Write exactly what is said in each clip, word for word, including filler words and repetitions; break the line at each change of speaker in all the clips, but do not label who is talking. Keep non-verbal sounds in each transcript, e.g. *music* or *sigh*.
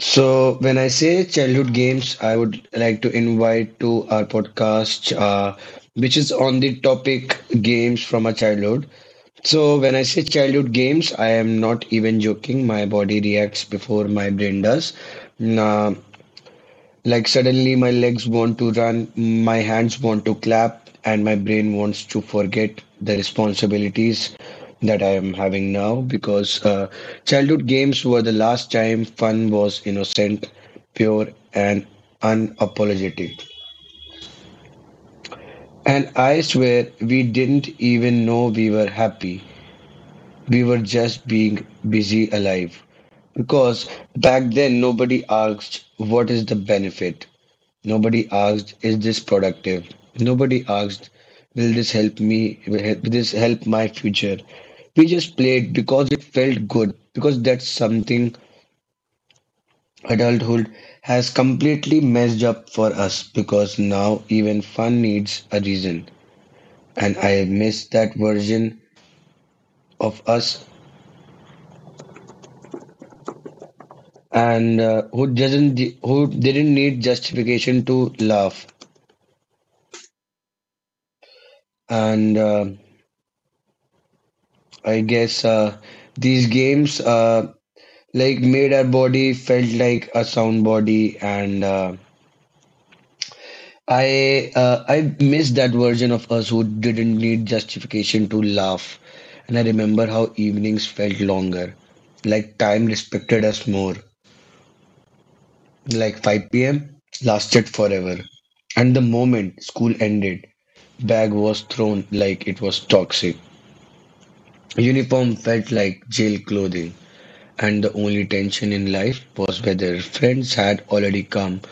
So when I say childhood games, I would like to invite to our podcast, uh, which is on the topic games from our childhood. So when I say childhood games, I am not even joking. My body reacts before my brain does. Nah, like suddenly my legs want to run, my hands want to clap, and my brain wants to forget the responsibilities that I am having now, because uh, childhood games were the last time fun was innocent, pure, and unapologetic. And I swear we didn't even know we were happy. We were just being busy alive. Because back then nobody asked what is the benefit. Nobody asked, is this productive? Nobody asked, will this help me? Will hel- will this help my future? We just played because it felt good, because that's something adulthood has completely messed up for us, because now even fun needs a reason. And I miss that version of us and uh, who doesn't who didn't need justification to laugh, and uh, I guess uh, these games uh, like made our body felt like a sound body, and uh, i uh, i miss that version of us who didn't need justification to laugh. And I remember how evenings felt longer, like time respected us more, like five p.m. lasted forever, and the moment school ended, bag was thrown like it was toxic, uniform felt like jail clothing, and the only tension in life was whether friends had already come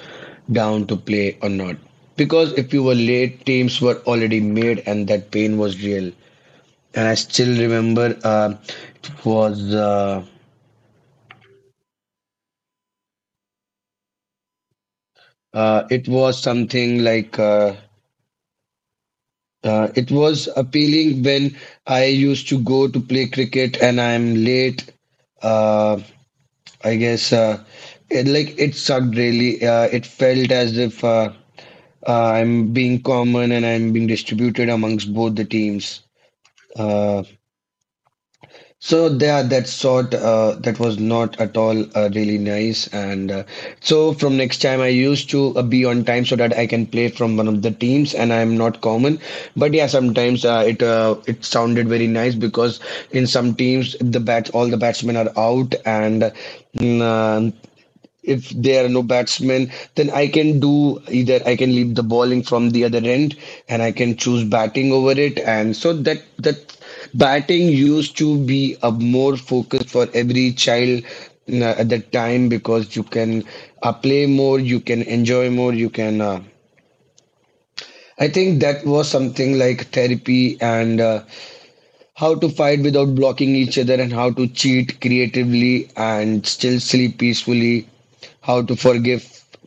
down to play or not. Because if you were late, teams were already made, and that pain was real. And I still remember, uh, it was uh, uh, it was something like, uh, uh, it was appealing when I used to go to play cricket and I'm late. Uh, I guess uh, it, like it sucked really. Uh, it felt as if uh, uh, I'm being common and I'm being distributed amongst both the teams. Uh, So there, that sort uh, that was not at all uh, really nice. And uh, so from next time, I used to uh, be on time so that I can play from one of the teams, and I am not common. But yeah, sometimes uh, it uh, it sounded very nice, because in some teams the bats, all the batsmen are out, and. mm, uh, if there are no batsmen, then I can do, either I can leave the bowling from the other end and I can choose batting over it. And so that that batting used to be a more focus for every child uh, at that time, because you can uh, play more, you can enjoy more, you can. Uh, I think that was something like therapy, and uh, how to fight without blocking each other, and how to cheat creatively and still sleep peacefully, how to forgive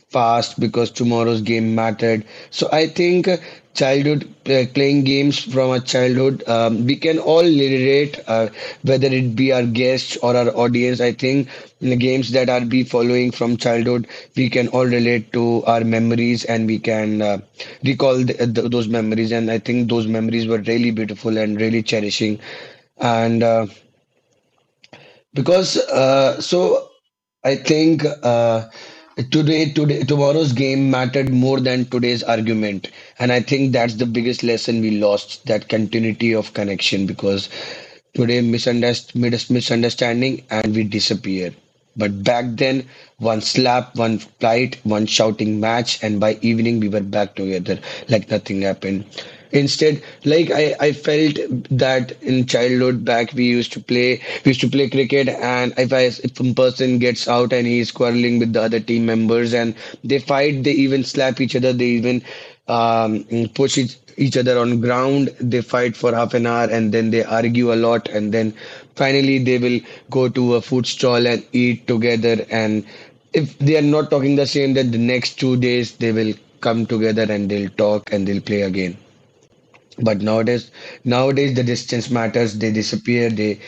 fast because tomorrow's game mattered. So I think uh, childhood, uh, playing games from our childhood, um, we can all relate, uh, whether it be our guests or our audience. I think the games that are be following from childhood, we can all relate to our memories, and we can uh, recall th th those memories. And I think those memories were really beautiful and really cherishing. And uh, because uh, so I think uh, today, today, tomorrow's game mattered more than today's argument, and I think that's the biggest lesson we lost: that continuity of connection. Because today, misunderst- mis- misunderstanding, and we disappear. But back then, one slap, one fight, one shouting match, and by evening we were back together like nothing happened. Instead, like I, I felt that in childhood back we used to play we used to play cricket, and if I, if one person gets out and he's quarreling with the other team members and they fight, they even slap each other, they even um, push each, each other on ground. They fight for half an hour and then they argue a lot, and then finally, they will go to a food stall and eat together. And if they are not talking the same, then the next two days they will come together and they'll talk and they'll play again. But nowadays, nowadays the distance matters. They disappear. They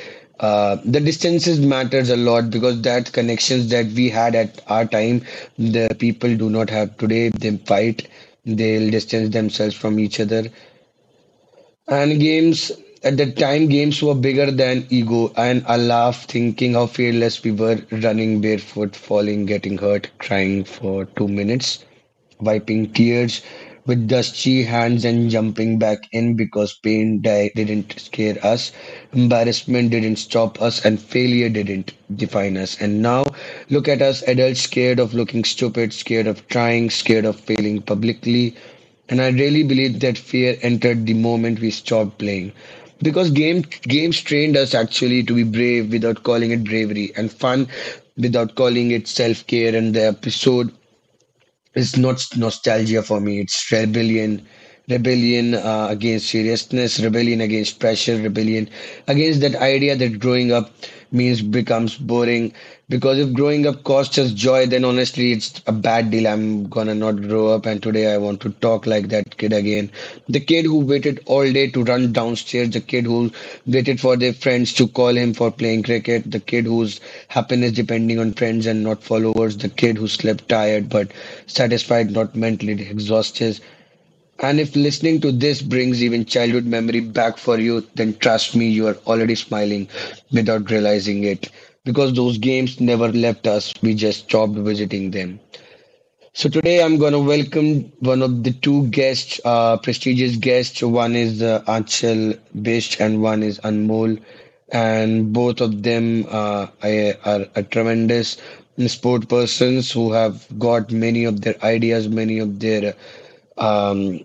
uh, the distances matters a lot, because that connections that we had at our time, the people do not have today. They fight. They'll distance themselves from each other. And games, at that time, games were bigger than ego. And I laugh thinking how fearless we were, running barefoot, falling, getting hurt, crying for two minutes, wiping tears with dusty hands and jumping back in, because pain di- didn't scare us, embarrassment didn't stop us, and failure didn't define us. And now look at us, adults scared of looking stupid, scared of trying, scared of failing publicly. And I really believe that fear entered the moment we stopped playing. Because game games trained us actually to be brave without calling it bravery, and fun without calling it self-care, and the episode, it's not nostalgia for me. It's rebellion, rebellion uh, against seriousness, rebellion against pressure, rebellion against that idea that growing up means becomes boring. Because if growing up costs us joy, then honestly, it's a bad deal. I'm gonna not grow up. And today I want to talk like that kid again. The kid who waited all day to run downstairs, the kid who waited for their friends to call him for playing cricket, the kid whose happiness depending on friends and not followers, the kid who slept tired but satisfied, not mentally exhausted. And if listening to this brings even childhood memory back for you, then trust me, you are already smiling without realizing it. Because those games never left us, we just stopped visiting them. So today I'm going to welcome one of the two guests, uh, prestigious guests. One is uh, Anchal Bish and one is Anmol, and both of them uh, I- are, are tremendous sport persons who have got many of their ideas, many of their um,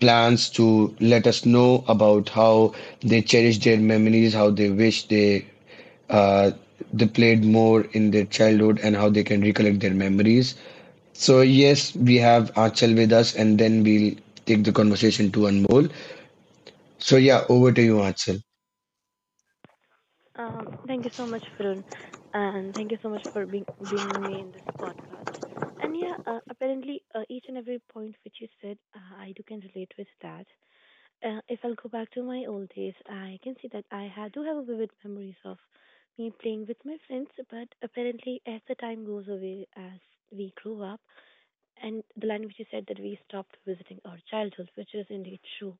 plans, to let us know about how they cherish their memories, how they wish they uh, they played more in their childhood, and how they can recollect their memories. So, yes, we have Achal with us, and then we'll take the conversation to Anmol. So, yeah, over to you, Achal.
Um, thank you so much, Farun, and thank you so much for being bringing me in this podcast. And yeah, uh, apparently uh, each and every point which you said, uh, I do can relate with that. Uh, if I'll go back to my old days, I can see that I ha- do have a vivid memories of me playing with my friends. But apparently, as the time goes away, as we grew up, and the line which you said that we stopped visiting our childhood, which is indeed true.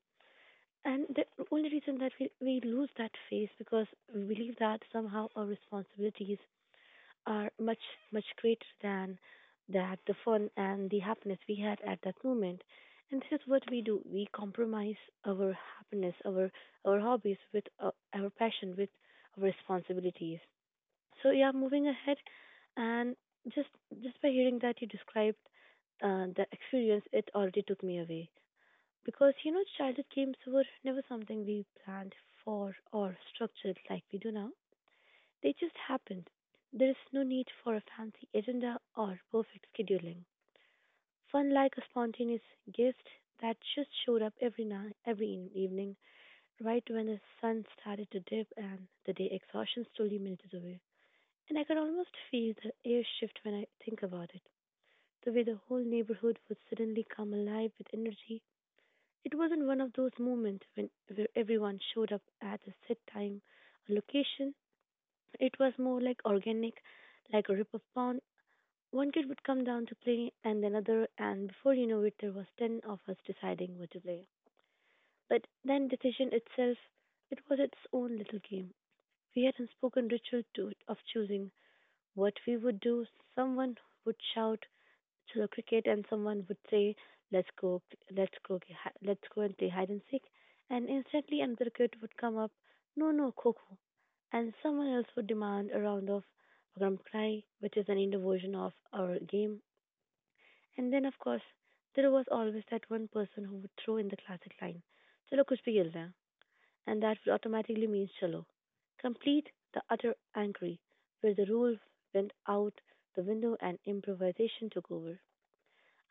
And the only reason that we, we lose that phase because we believe that somehow our responsibilities are much, much greater than that the fun and the happiness we had at that moment. And this is what we do. We compromise our happiness, our our hobbies with uh, our passion, with our responsibilities. So yeah, moving ahead, and just just by hearing that you described uh, the experience, it already took me away. Because, you know, childhood games were never something we planned for or structured like we do now. They just happened. There is no need for a fancy agenda or perfect scheduling. Fun like a spontaneous guest that just showed up every night, every in- evening, right when the sun started to dip and the day exhaustion slowly melted away. And I could almost feel the air shift when I think about it. The way the whole neighborhood would suddenly come alive with energy. It wasn't one of those moments when where everyone showed up at a set time or location. It was more like organic, like a rip of pond. One kid would come down to play, and then another, and before you know it, there was ten of us deciding what to play. But then decision itself, it was its own little game. We had unspoken ritual to it of choosing what we would do. Someone would shout, to the cricket and someone would say, "Let's go, let's go, g- hi- let's go and play hide and seek," and instantly another kid would come up, "No, no, Coco," and someone else would demand a round of Gram Cry, which is an Indo version of our game. And then, of course, there was always that one person who would throw in the classic line, "Chalo kuch bhi khel rahe hain," and that would automatically mean Chalo. Complete the utter angry, where the rule went out the window and improvisation took over.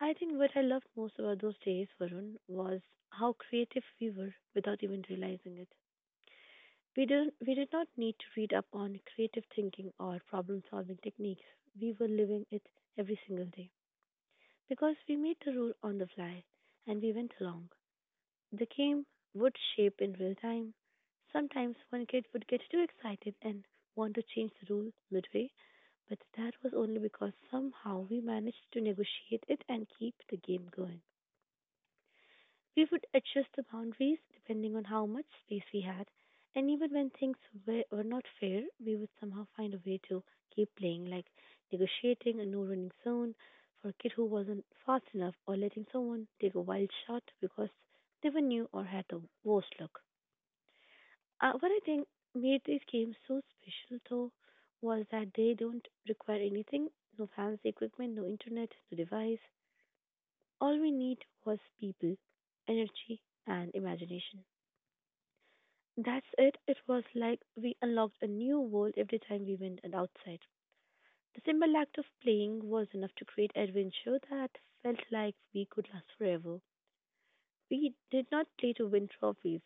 I think what I loved most about those days, Varun, was how creative we were without even realizing it. We didn't we did not need to read up on creative thinking or problem solving techniques. We were living it every single day. Because we made the rule on the fly and we went along. The game would shape in real time. Sometimes one kid would get too excited and want to change the rule midway, but that was only because somehow we managed to negotiate it and keep the game going. We would adjust the boundaries depending on how much space we had, and even when things were, were not fair, we would somehow find a way to keep playing, like negotiating a no running zone for a kid who wasn't fast enough, or letting someone take a wild shot because they were new or had the worst luck. Uh, what I think made these games so special, though, was that they don't require anything: no fancy equipment, no internet, no device. All we need was people, energy, and imagination. That's it. It was like we unlocked a new world every time we went and outside. The simple act of playing was enough to create adventure that felt like we could last forever. We did not play to win trophies.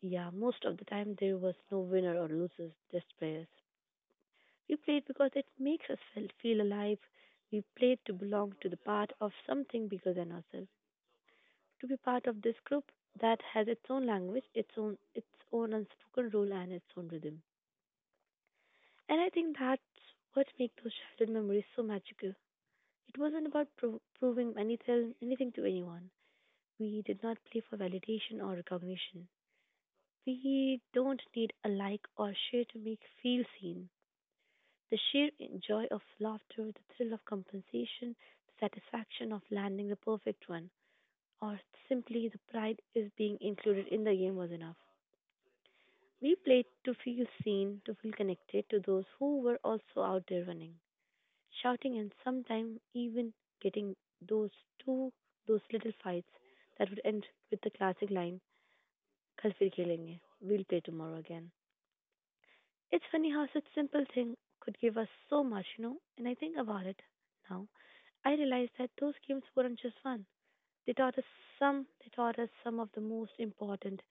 Yeah, most of the time there was no winner or losers, just players. We played because it makes us feel, feel alive. We played to belong to the part of something bigger than ourselves. To be part of this group that has its own language, its own its own unspoken rule and its own rhythm. And I think that's what makes those childhood memories so magical. It wasn't about pro- proving anything, anything to anyone. We did not play for validation or recognition. We don't need a like or share to make feel seen. The sheer joy of laughter, the thrill of compensation, the satisfaction of landing the perfect one, or simply the pride is being included in the game was enough. We played to feel seen, to feel connected to those who were also out there running, shouting and sometimes even getting those two those little fights that would end with the classic line, "kal fir kelenge," we'll play tomorrow again. It's funny how such simple thing could give us so much, you know. And I think about it now, I realize that those games weren't just fun. They taught us some they taught us some of the most important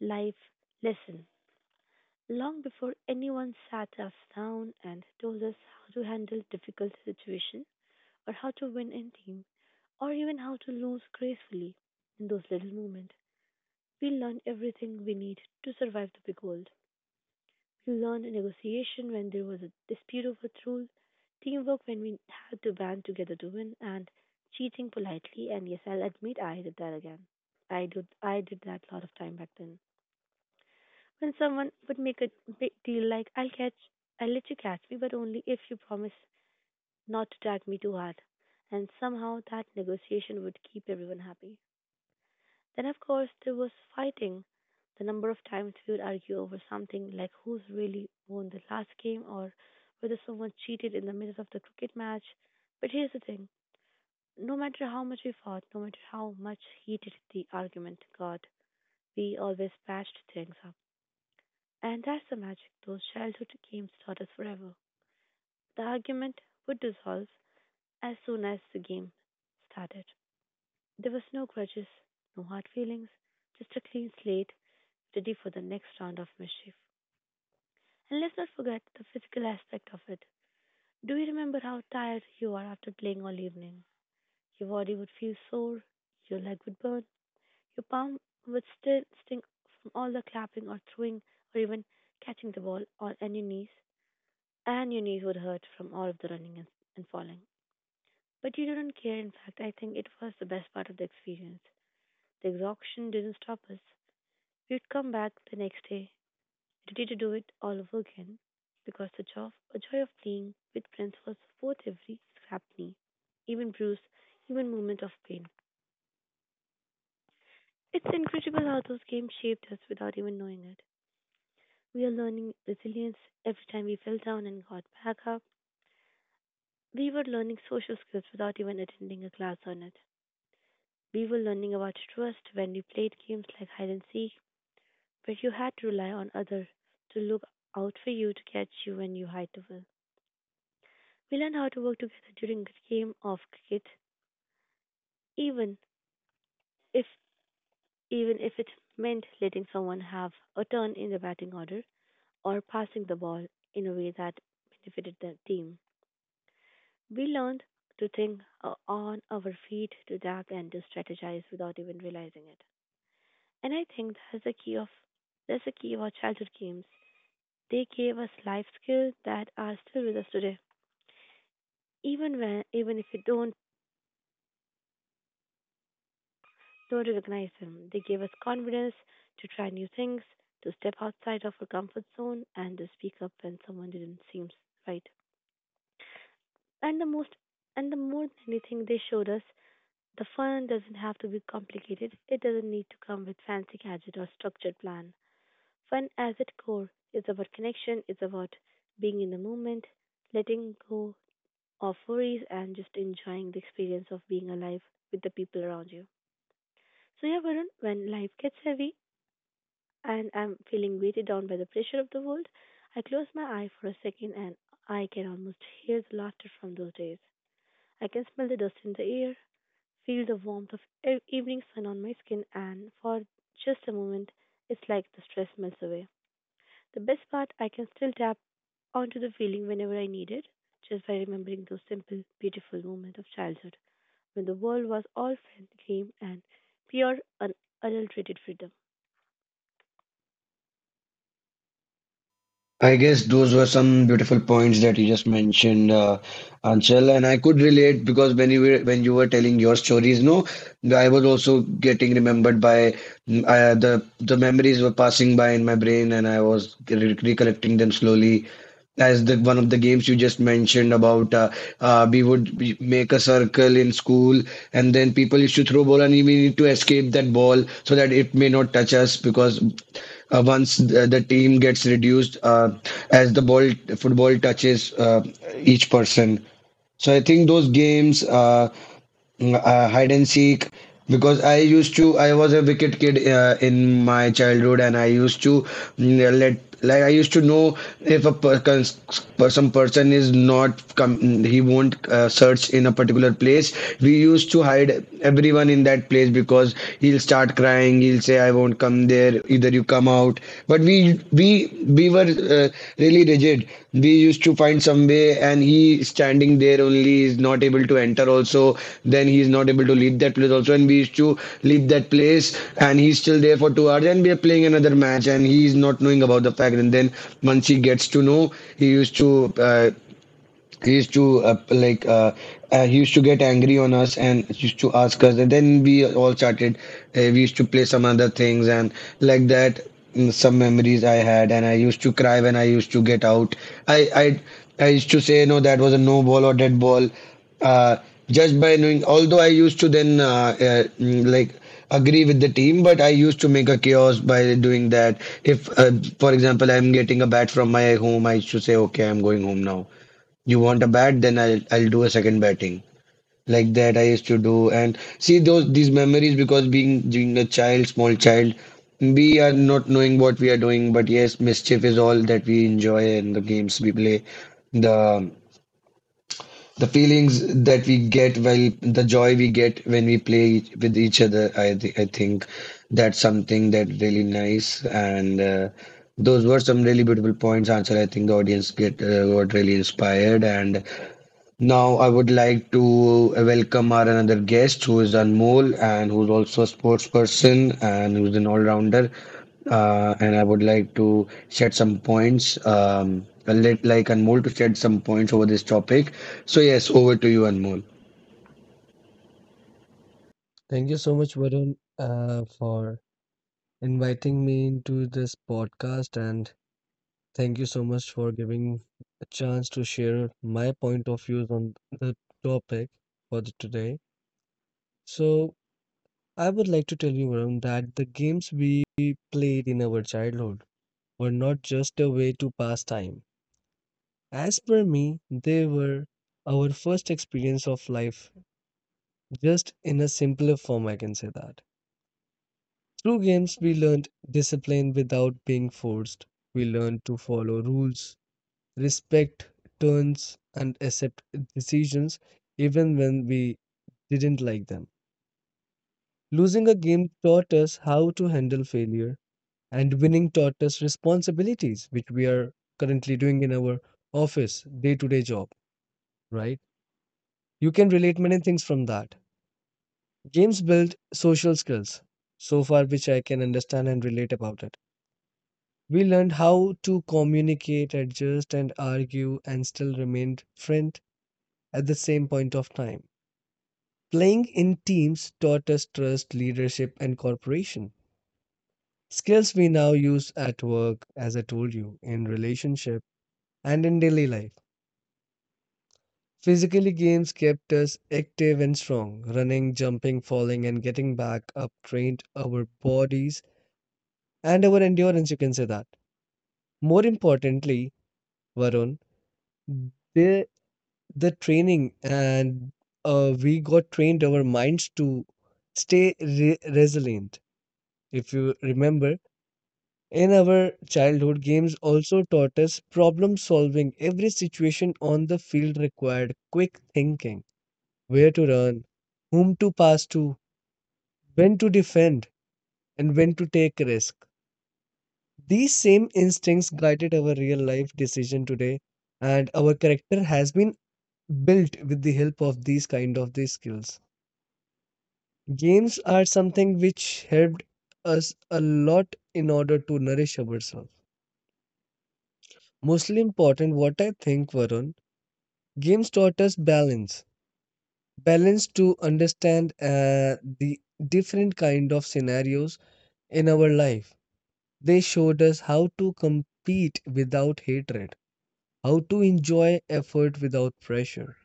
life lesson long before anyone sat us down and told us how to handle difficult situations or how to win in team, or even how to lose gracefully. In those little moments, we learn everything we need to survive the big world. We learned negotiation when there was a dispute over a rule, teamwork when we had to band together to win, and cheating politely. And yes, I'll admit I did that again. I did I did that a lot of time back then. When someone would make a big deal like, I'll catch I'll let you catch me, but only if you promise not to drag me too hard." And somehow that negotiation would keep everyone happy. Then, of course, there was fighting. The number of times we would argue over something like who's really won the last game or whether someone cheated in the middle of the cricket match. But here's the thing: no matter how much we fought, no matter how much heated the argument got, we always patched things up. And that's the magic. Those childhood games taught us forever. The argument would dissolve as soon as the game started. There was no grudges, no hard feelings, just a clean slate, ready for the next round of mischief. And let's not forget the physical aspect of it. Do you remember how tired you are after playing all evening? Your body would feel sore, your leg would burn, your palm would still sting from all the clapping or throwing or even catching the ball on and your knees, and your knees would hurt from all of the running and, and falling. But you didn't care. In fact, I think it was the best part of the experience. The exhaustion didn't stop us. We'd come back the next day, ready to do it all over again, because the joy, the joy of playing with friends was worth every scrapney, even bruise, even moment of pain. It's incredible how those games shaped us without even knowing it. We are learning resilience every time we fell down and got back up. We were learning social skills without even attending a class on it. We were learning about trust when we played games like hide and seek, where you had to rely on others to look out for you to catch you when you hide the well. We learned how to work together during a game of cricket, even if even if it meant letting someone have a turn in the batting order or passing the ball in a way that benefited the team. We learned to think uh, on our feet, to duck and to strategize without even realizing it. And I think that's the key of that's the key of our childhood games. They gave us life skills that are still with us today. Even when even if we don't so recognize Him. They gave us confidence to try new things, to step outside of our comfort zone, and to speak up when someone didn't seem right. And the most, and the more than anything, they showed us the fun doesn't have to be complicated. It doesn't need to come with fancy gadget or structured plan. Fun, as its core, is about connection. It's about being in the moment, letting go of worries, and just enjoying the experience of being alive with the people around you. So yeah, Varun, when life gets heavy, and I'm feeling weighted down by the pressure of the world, I close my eye for a second and I can almost hear the laughter from those days. I can smell the dust in the air, feel the warmth of e- evening sun on my skin, and for just a moment, it's like the stress melts away. The best part, I can still tap onto the feeling whenever I need it, just by remembering those simple, beautiful moments of childhood when the world was all fun, game, and pure, unadulterated freedom.
I guess those were some beautiful points that you just mentioned, uh, Anshul, and I could relate, because when you were when you were telling your stories, no, I was also getting remembered by uh, the the memories were passing by in my brain, and I was re recollecting them slowly. As the one of the games you just mentioned about, uh, uh, we would be- make a circle in school, and then people used to throw ball, and we need to escape that ball so that it may not touch us, because uh, once the, the team gets reduced uh, as the ball, football touches uh, each person, so I think those games, uh, Mm, uh, hide and seek, because I used to, I was a wicked kid uh, in my childhood, and I used to mm, let, like I used to know if a person cons- some person is not come, he won't uh, search in a particular place, we used to hide everyone in that place because he'll start crying, he'll say I won't come there, either you come out, but we we we were uh, really rigid, we used to find some way and he standing there only is not able to enter also, then he is not able to leave that place also, and we used to leave that place and he's still there for two hours and we are playing another match and he is not knowing about the fact, and then once he gets to know he used to uh, he used to uh, like uh, uh, he used to get angry on us and used to ask us, and then we all started uh, we used to play some other things, and like that mm, some memories I had. And I used to cry when I used to get out, i i i used to say no, that was a no ball or dead ball, uh, just by knowing, although I used to then uh, uh, mm, like agree with the team, but I used to make a chaos by doing that. If uh, for example I'm getting a bat from my home, I used to say okay I'm going home now, you want a bat, then I'll I'll do a second batting. Like that I used to do and see those these memories, because being being a child, small child, we are not knowing what we are doing, but yes, mischief is all that we enjoy in the games we play. The the feelings that we get while the joy we get when we play each- with each other, I th I think that's something that really nice and uh, those were some really beautiful points, Ansel. I think the audience get uh, got really inspired and now, I would like to welcome our another guest who is Anmol and who's also a sports person and who's an all-rounder. Uh, and I would like to shed some points, um, I'll let like Anmol to shed some points over this topic. So, yes, over to you, Anmol.
Thank you so much, Varun, uh, for inviting me into this podcast, and thank you so much for giving a chance to share my point of views on the topic for the today. So, I would like to tell you, Varun, that the games we played in our childhood were not just a way to pass time. As per me, they were our first experience of life, just in a simpler form, I can say that. Through games, we learned discipline without being forced. We learned to follow rules, respect turns, and accept decisions even when we didn't like them. Losing a game taught us how to handle failure, and winning taught us responsibilities, which we are currently doing in our office, day to day job, right? You can relate many things from that. Games build social skills, so far, which I can understand and relate about it. We learned how to communicate, adjust, and argue and still remain friends at the same point of time. Playing in teams taught us trust, leadership, and cooperation. Skills we now use at work, as I told you, in relationship and in daily life. Physically, games kept us active and strong. Running, jumping, falling, and getting back up trained our bodies and our endurance, you can say that. More importantly, Varun, they the training and uh, we got trained our minds to stay re- resilient. If you remember, in our childhood, games also taught us problem solving. Every situation on the field required quick thinking: where to run, whom to pass to, when to defend, and when to take risk. These same instincts guided our real life decision today, and our character has been built with the help of these kind of these skills. Games are something which helped us a lot in order to nourish ourselves. Mostly important, what I think, Varun, games taught us balance. Balance to understand uh, the different kind of scenarios in our life. They showed us how to compete without hatred, how to enjoy effort without pressure,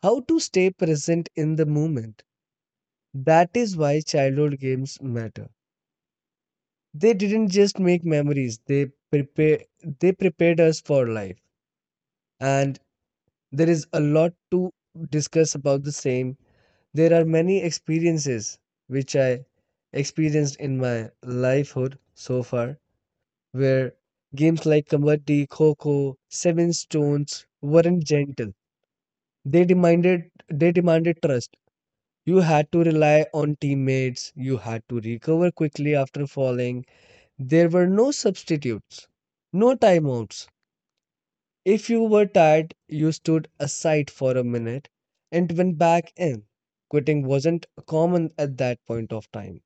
how to stay present in the moment. That is why childhood games matter. They didn't just make memories, they prepare they prepared us for life. And there is a lot to discuss about the same. There are many experiences which I experienced in my lifehood so far, where games like kabaddi, kho, seven stones weren't gentle. They demanded they demanded trust. You had to rely on teammates, you had to recover quickly after falling. There were no substitutes, no timeouts. If you were tired, you stood aside for a minute and went back in. Quitting wasn't common at that point of time,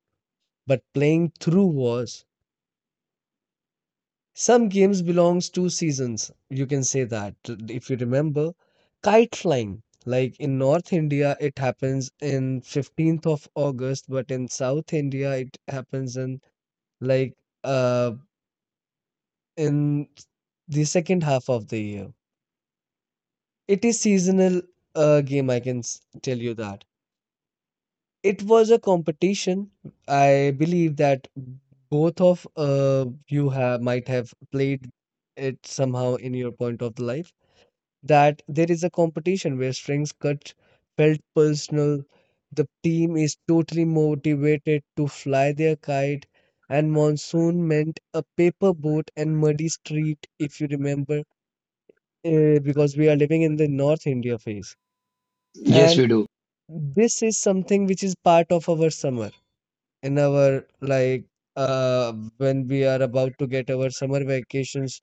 but playing through was. Some games belongs to seasons. You can say that, if you remember, kite flying. Like in North India, it happens in fifteenth of August, but in South India, it happens in like uh in the second half of the year. It is seasonal uh, game. I can s- tell you that it was a competition. I believe that both of uh, you have might have played it somehow in your point of life. That there is a competition where strings cut felt personal. The team is totally motivated to fly their kite, and monsoon meant a paper boat and muddy street, if you remember, uh, because we are living in the North India phase.
Yes, we do.
This is something which is part of our summer in our like uh when we are about to get our summer vacations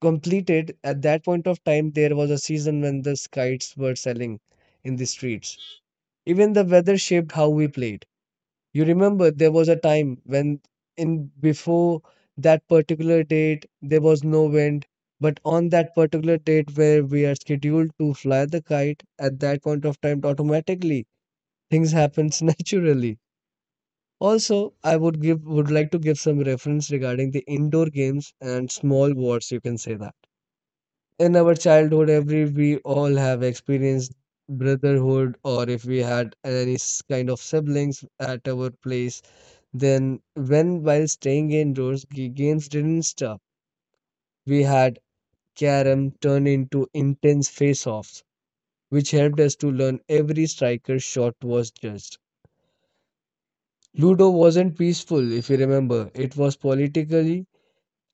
completed. At that point of time, there was a season when the kites were selling in the streets. Even the weather shaped how we played. You remember, there was a time when in before that particular date there was no wind, but on that particular date where we are scheduled to fly the kite, at that point of time, automatically things happens *laughs* naturally. Also, I would give would like to give some reference regarding the indoor games and small wars, you can say that. In our childhood, every we all have experienced brotherhood, or if we had any s- kind of siblings at our place, then when while staying indoors, g- games didn't stop. We had carom turn into intense face-offs, which helped us to learn every striker's shot was judged. Ludo wasn't peaceful, if you remember. It was politically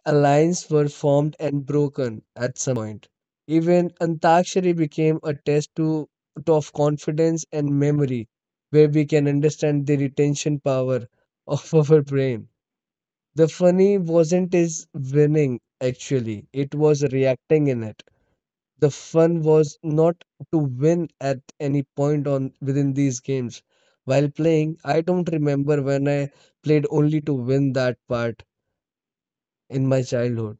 alliances were formed and broken at some point. Even Antakshari became a test to, of confidence and memory, where we can understand the retention power of *laughs* our brain. The funny wasn't his winning actually; it was reacting in it. The fun was not to win at any point on within these games. While playing, I don't remember when I played only to win that part in my childhood.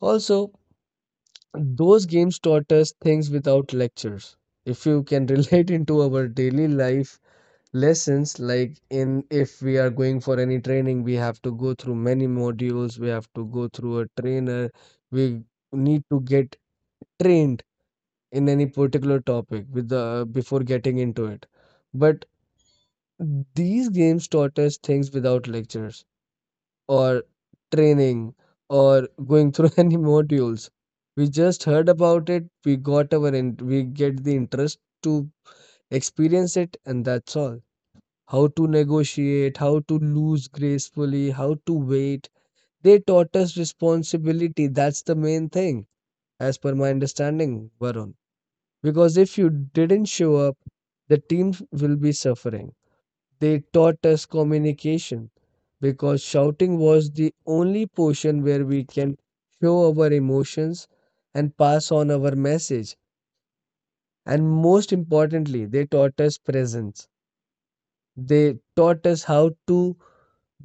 Also, those games taught us things without lectures. If you can *laughs* relate into our daily life lessons, like in if we are going for any training, we have to go through many modules, we have to go through a trainer, we need to get trained in any particular topic with the before getting into it. But these games taught us things without lectures or training or going through *laughs* any modules. We just heard about it, we got our in, we get the interest to experience it, and that's all. How to negotiate, how to lose gracefully, how to wait. They taught us responsibility. That's the main thing, as per my understanding, Varun. Because if you didn't show up, the team will be suffering. They taught us communication, because shouting was the only portion where we can show our emotions and pass on our message. And most importantly, they taught us presence. They taught us how to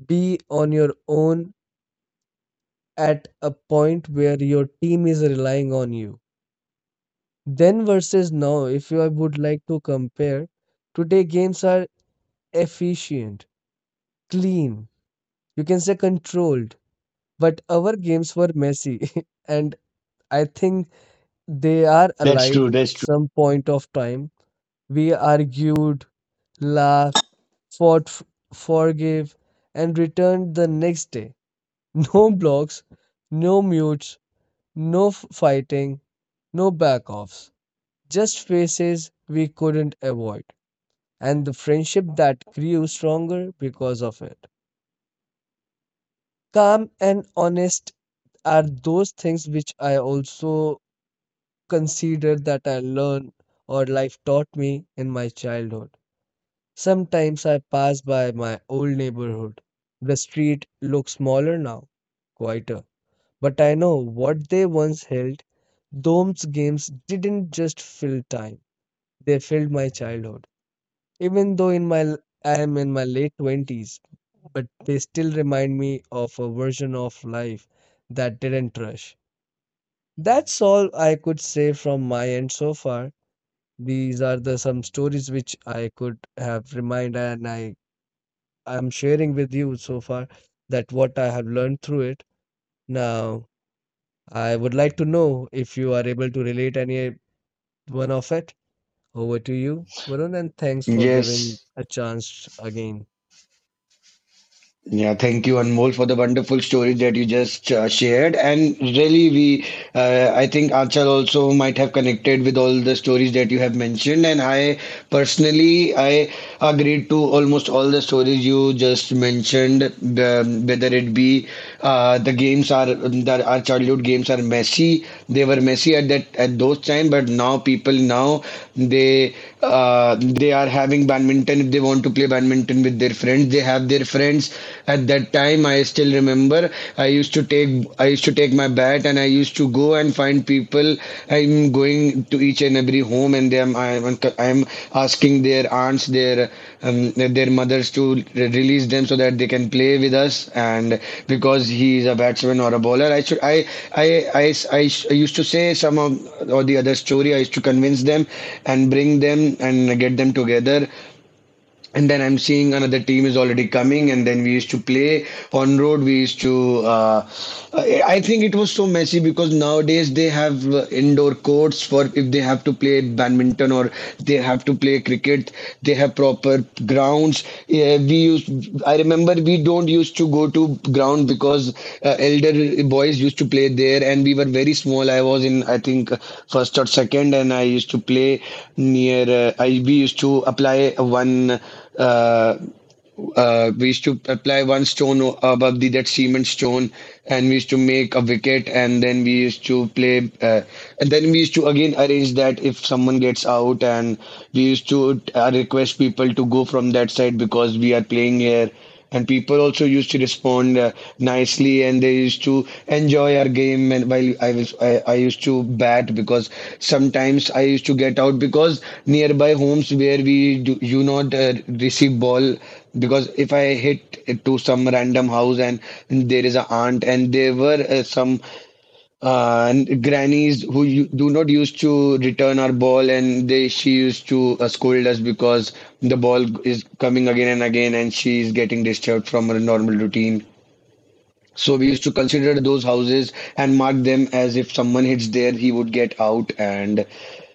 be on your own at a point where your team is relying on you. Then versus now, if you- I would like to compare, today games are efficient, clean, you can say controlled. But our games were messy, *laughs* and I think they are
That's
alive
true. That's true.
some point of time. We argued, laughed, fought, f- forgave, and returned the next day. *laughs* No blocks, no mutes, no f- fighting, no back offs, just faces we couldn't avoid. And the friendship that grew stronger because of it. Calm and honest are those things which I also consider that I learned or life taught me in my childhood. Sometimes I pass by my old neighborhood. The street looks smaller now, quieter. But I know what they once held. Those games didn't just fill time, they filled my childhood. Even though in my l- I am in my late twenties, but they still remind me of a version of life that didn't rush. That's all I could say from my end so far. These are the some stories which I could have remind and I I'm sharing with you so far, that what I have learned through it. Now, I would like to know if you are able to relate any one of it. Over to you, Varun, and thanks for giving
Yes.
a chance again.
Yeah, thank you, Anmol, for the wonderful story that you just uh, shared. And really, we, uh, I think Achal also might have connected with all the stories that you have mentioned. And I personally, I agreed to almost all the stories you just mentioned. The, whether it be uh, the games are that our childhood games are messy. They were messy at that at those time, but now people now they uh, they are having badminton. If they want to play badminton with their friends, they have their friends. At that time, I still remember I used to take I used to take my my bat and I used to go and find people. I'm going to each and every home and them I'm I'm asking their aunts, their um, their mothers to re- release them so that they can play with us. And because he is a batsman or a bowler, I should I I I, I, I used to say some of, or the other story. I used to convince them and bring them and get them together and then I'm seeing another team is already coming, and then we used to play on road. We used to. Uh, I I think it was so messy because nowadays they have uh, indoor courts for if they have to play badminton or they have to play cricket. They have proper grounds grounds. Yeah, we used. I remember we don't used to go to ground because uh, elder boys used to play there, and we were very small. I was in I think first or second, and I used to play near. Uh, I we used to apply one uh, uh, we used to apply one stone o- above the that cement stone, and we used to make a wicket, and then we used to play, uh, and then we used to again arrange that if someone gets out, and we used to uh, request people to go from that side because we are playing here, and people also used to respond uh, nicely and they used to enjoy our game. And while i was I, I used to bat because sometimes I used to get out because nearby homes where we do you not uh, receive ball because if I hit it to some random house and there is a aunt and there were uh, some uh, and grannies who you, do not used to return our ball, and they she used to uh, scold us because the ball is coming again and again, and she is getting disturbed from her normal routine. So we used to consider those houses and mark them as if someone hits there, he would get out, and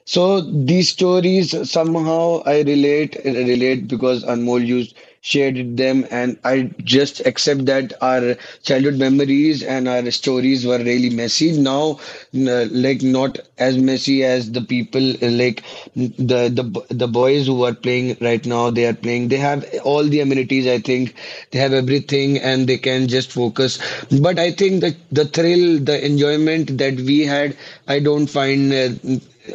so these stories somehow I relate relate because Anmol you shared them and I just accept that our childhood memories and our stories were really messy. Now, n- like not as messy as the people like the the b- the boys who are playing right now. They are playing. They have all the amenities. I think they have everything and they can just focus. But I think that the thrill, the enjoyment that we had, I don't find, uh,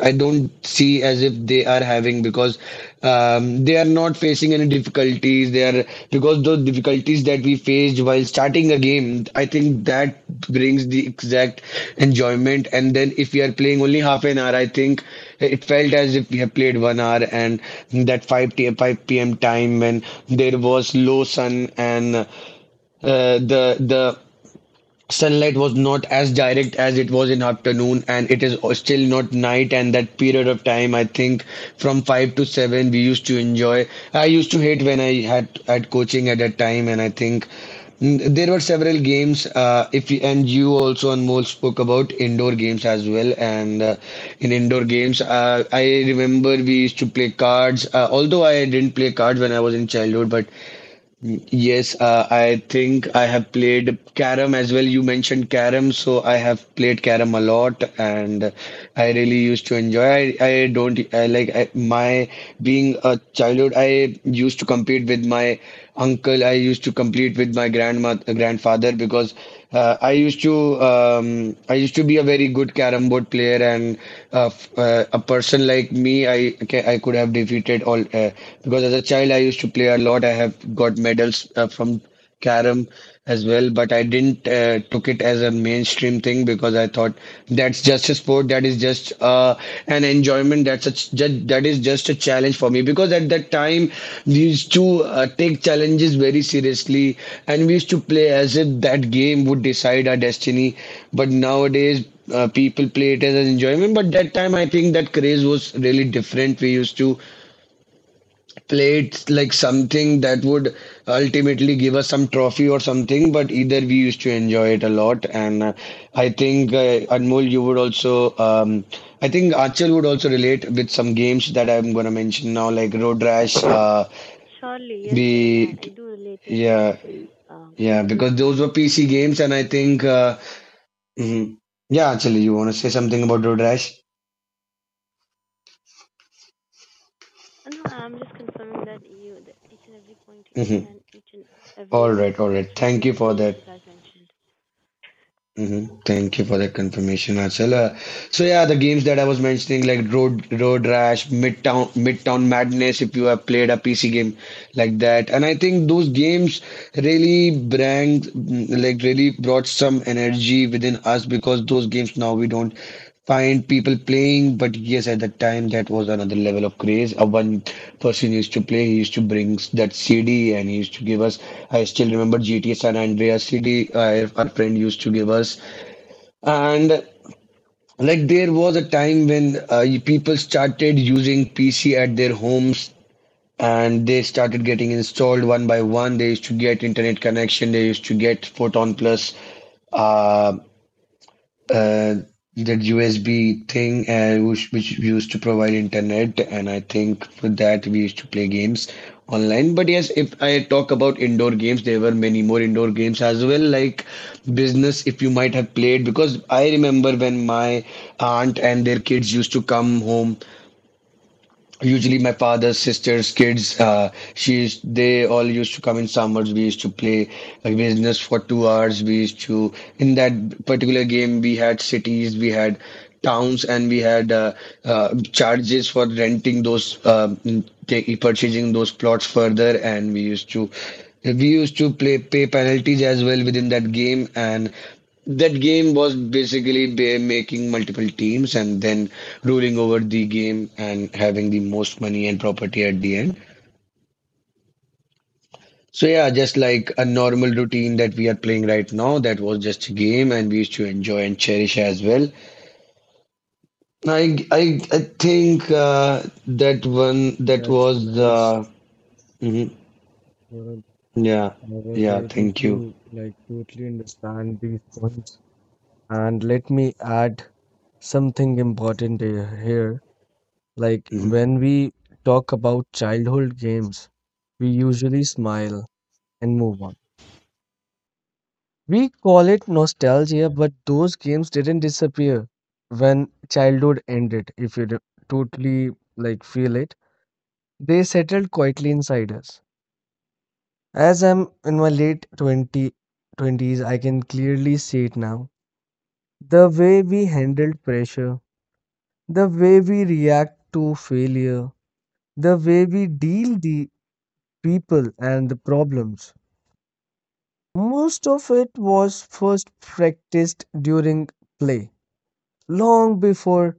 I don't see as if they are having because um, they are not facing any difficulties. They are because those difficulties that we faced while starting a game, I think that brings the exact enjoyment. And then if we are playing only half an hour, I think it felt as if we have played one hour and that five t five p m time when there was low sun and uh, the the sunlight was not as direct as it was in afternoon and it is still not night and that period of time I think from five to seven we used to enjoy. I used to hate when I had had coaching at that time. And I think mm, there were several games. Uh, if you, and you also and Anmol spoke about indoor games as well. And uh, in indoor games uh, I remember we used to play cards uh, although I didn't play cards when I was in childhood but yes, uh, I think I have played carom as well. You mentioned carom, so I have played carom a lot, and I really used to enjoy. I, I don't I, like I, My being a childhood. I used to compete with my uncle. I used to compete with my grandma, grandfather because uh, I used to um, I used to be a very good carom board player, and uh, f- uh, a person like me, I ca- I could have defeated all uh, because as a child I used to play a lot. I have got medals uh, from carom as well, but I didn't uh, took it as a mainstream thing because I thought that's just a sport sport that is just uh, an enjoyment. That's a, ch- ju- that is just a challenge for me because at that time we used to uh, take challenges very seriously and we used to play as if that game would decide our destiny. But nowadays uh, people play it as an enjoyment. But that time I think that craze was really different. We used to played like something that would ultimately give us some trophy or something, but either we used to enjoy it a lot. And uh, I think, uh, Anmol, you would also, um, I think Achal would also relate with some games that I'm going to mention now, like Road Rash. Uh,
Surely, yes, Varuna,
the
I do relate it with.
Yeah,
um,
yeah, because
everything
those were
with uh,
P C
more than
games.
you
And I
said.
think, uh, mhm, yeah, Achal, you want to say something about Road Rash?
Uh, No, I'm just confirming that you, the each and every point
Mhm.
and each and
All
every re-
right,
uh,
all right.
refreshing
Thank you for
experience
that.
you guys mentioned.
Hmm, thank you for that confirmation, Achal. Uh, so yeah, the games that I was mentioning, like Road Road Rash, Midtown Midtown Madness, if you have played a P C game like that. And I think those games really bring, mm, like really brought some energy within us because those games now we don't find people playing. But yes, at that time that was another level of craze. Uh, one person used to play. He used to bring s- that C D and he used to give us. I still remember G T A San Andreas C D, uh, our friend used to give us. And like there was a time when uh, y- people started using P C at their homes and they started getting installed one by one. They used to get internet connection. They used to get photon plus uh, uh, that U S B thing uh, which, which used to provide internet. And I think for that we used to play games online. But yes, if I talk about indoor games, there were many more indoor games as well, like business, if you might have played, because I remember when my aunt and their kids used to come home. Usually, my father's sisters, kids, uh, she used, they all used to come in summers. We used to play like business for two hours. We used to, in that particular game, we had cities, we had towns, and we had uh, uh, charges for renting those, um, ta- purchasing those plots further. And we used to, we used to play pay penalties as well within that game. And that game was basically they making multiple teams and then ruling over the game and having the most money and property at the end. So yeah, just like a normal routine that we are playing right now, that was just a game and we used to enjoy and cherish as well. I I, I think uh, that one that
That's
was
nice.
the mhm.
Varun.
Yeah,
I was
yeah,
able
thank you.
to like totally understand these points. And let me add something important here, here. Like
Mhm.
when we talk about childhood games, we usually smile and move on. We call it nostalgia, but those games didn't disappear when childhood ended, if you d- totally like feel it. They settled quietly inside us. As I'm in my late twenty twenties, I can clearly see it now. The way we handled pressure, the way we react to failure, the way we deal the people and the problems. Most of it was first practiced during play, long before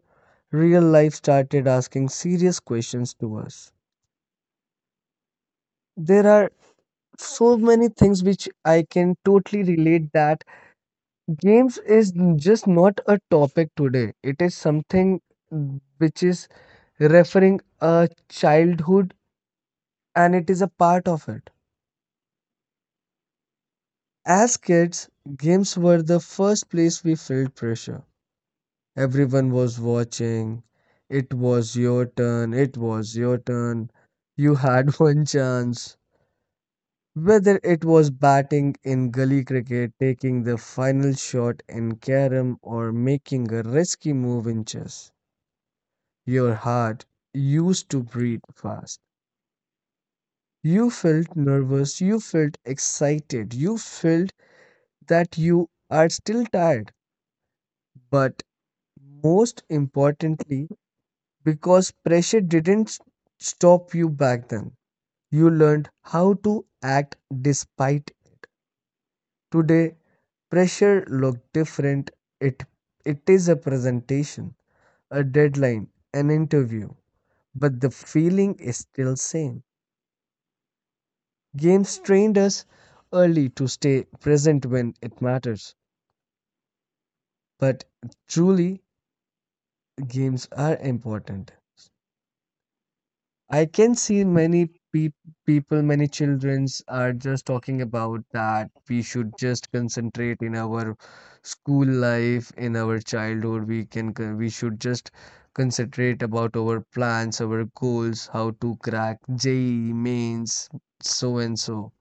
real life started asking serious questions to us. There are so many things which I can totally relate that games is n- just not a topic today. It is something which is referring a childhood and it is a part of it. As kids, games were the first place we felt pressure. Everyone was watching. It was your turn. It was your turn. You had *laughs* one chance. Whether it was batting in gully cricket, taking the final shot in carom, or making a risky move in chess, your heart used to beat fast. You felt nervous, you felt excited, you felt that you are still tired, but most importantly, because pressure didn't s- stop you back then, you learned how to act despite. Today pressure look different. It it is a presentation, a deadline, an interview, but the feeling is still same. Games trained us early to stay present when it matters. But truly games are important. I can see many peop people, many childrens are just talking about that we should just concentrate in our school life, in our childhood. We can, co- we should just concentrate about our plans, our goals, how to crack JEE mains, so and so.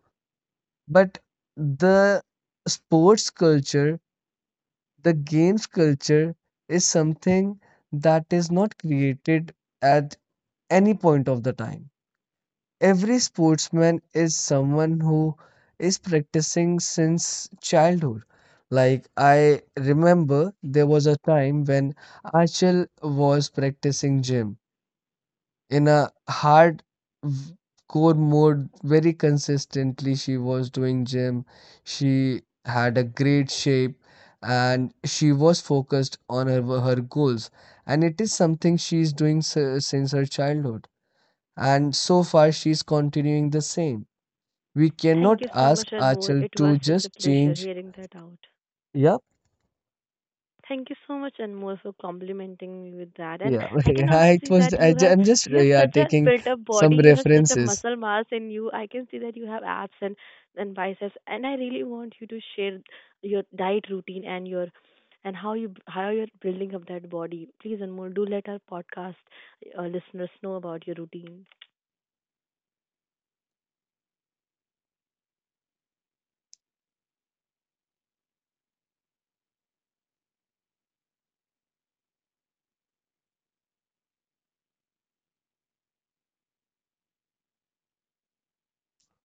But the sports culture, the games culture is something that is not created at any point of the time. Every sportsman is someone who is practicing since childhood. Like, I remember there was a time when Achal was practicing gym in a hard v- core mode very consistently. She was doing gym, she had a great shape, and she was focused on her, her goals. And it is something she is doing s- since her childhood and so far she's continuing the same. We
Thank
cannot
you so much,
ask
Anmol.
Achal
It was
to
such a
just
pleasure
change.
hearing that out.
Yep,
Thank you so much, Anmol, for complimenting me with that. And
yeah, *laughs*
I can
yeah.
also
It
see
was.
that
I,
you
ju-
have
I'm just
you
uh,
have
yeah,
such a
taking
built up body,
some
you have such a
references.
muscle mass in you. I can see that you have abs and, and biceps. And I really want you to share your diet routine and your and how you how you're building up that body. Please, Anmol, do let our podcast uh, listeners know about your routine.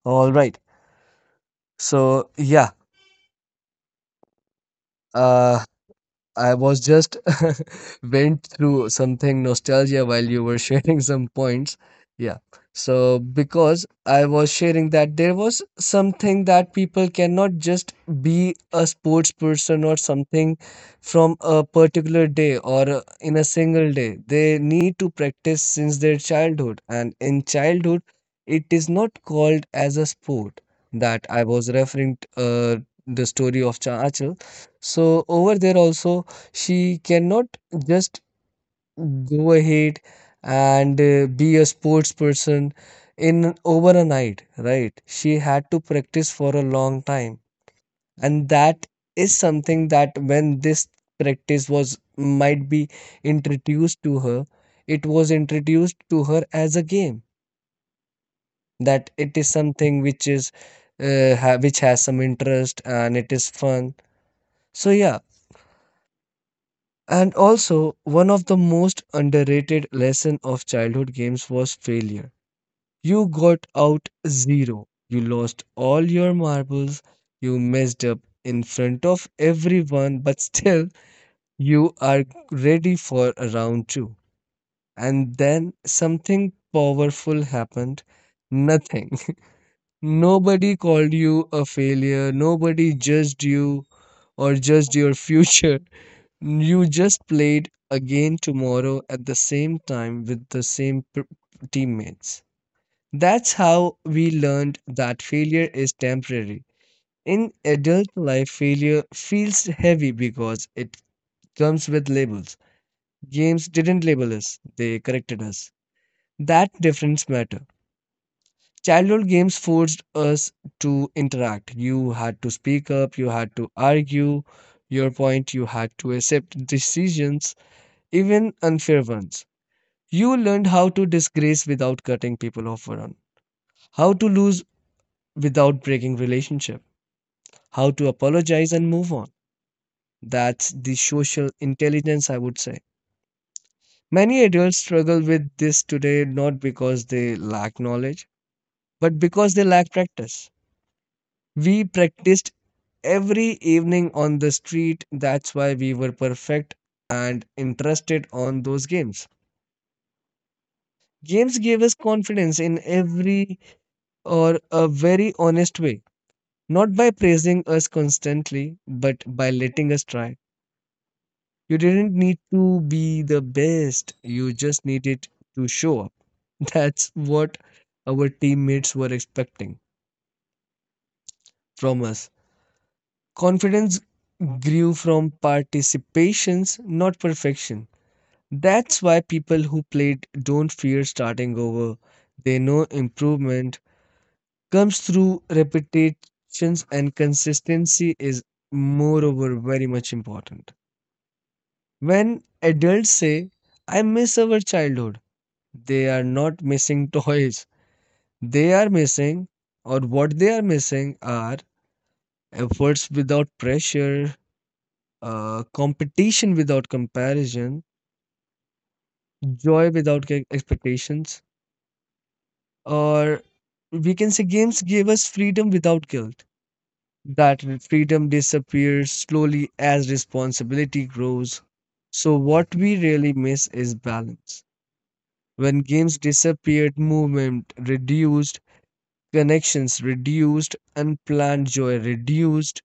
All right. So yeah, uh, I was just *laughs* went through something nostalgia while you were *laughs* sharing some points. Yeah. So because I was sharing that there was something that people cannot just be a sports person or something from a particular day or uh, in a single day. They need to practice since their childhood and in childhood it is not called as a sport that I was referring t- uh, the story of Chachel. So over there also she cannot just go ahead and uh, be a sports person in over a night, right? She had to practice for a long time. And that is something that when this practice was might be introduced to her, it was introduced to her as a game. That it is something which is uh, ha- which has some interest and it is fun. So yeah. And also, one of the most underrated lesson of childhood games was failure. You got out zero. You lost all your marbles. You messed up in front of everyone, but still you are ready for a round two. And then something powerful happened. Nothing. *laughs* Nobody called you a failure. Nobody judged you or judged your future. You just played again tomorrow at the same time with the same p- teammates. That's how we learned that failure is temporary. In adult life, failure feels heavy because it comes with labels. Games didn't label us, they corrected us. That difference matter. Childhood games forced us to interact. You had to speak up, you had to argue your point, you had to accept decisions, even unfair ones. You learned how to disgrace without cutting people off, Varun. How to lose without breaking relationship. How to apologize and move on. That's the social intelligence, I would say. Many adults struggle with this today not because they lack knowledge, but because they lack practice. We practiced every evening on the street, that's why we were perfect and interested on those games. Games gave us confidence in every or a very honest way. Not by praising us constantly, but by letting us try. You didn't need to be the best, you just needed to show up. *laughs* That's what our teammates were expecting from us. Confidence grew from participations, not perfection. That's why people who played don't fear starting over. They know improvement comes through repetitions, and consistency is, moreover, very much important. When adults say, I miss our childhood, they are not missing toys. They are missing, or what they are missing are efforts without pressure, uh, competition without comparison, joy without ca- expectations, or we can say games gave us freedom without guilt. That freedom disappears slowly as responsibility grows. So, what we really miss is balance. When games disappeared, movement reduced, connections reduced, unplanned joy reduced.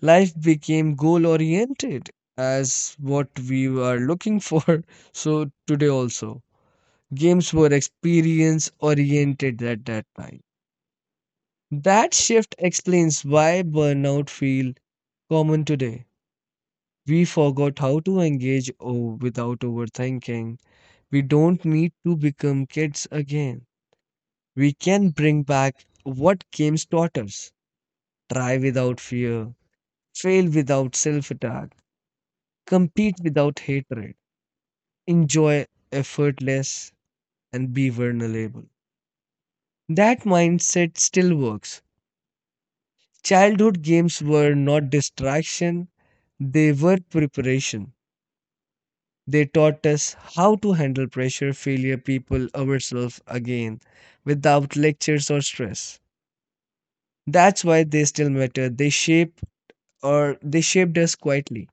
Life became goal oriented as what we were looking for. *laughs* So today also, games were experience oriented at that time. That shift explains why burnout feel common today. We forgot how to engage oh, without overthinking. We don't need to become kids again. We can bring back what games taught us, try without fear, fail without self attack, compete without hatred, enjoy effortless, and be vulnerable. That mindset still works. Childhood games were not distraction, they were preparation. They taught us how to handle pressure, failure, people, ourselves again without lectures or stress. That's why they still matter. They shape or they shaped us quietly.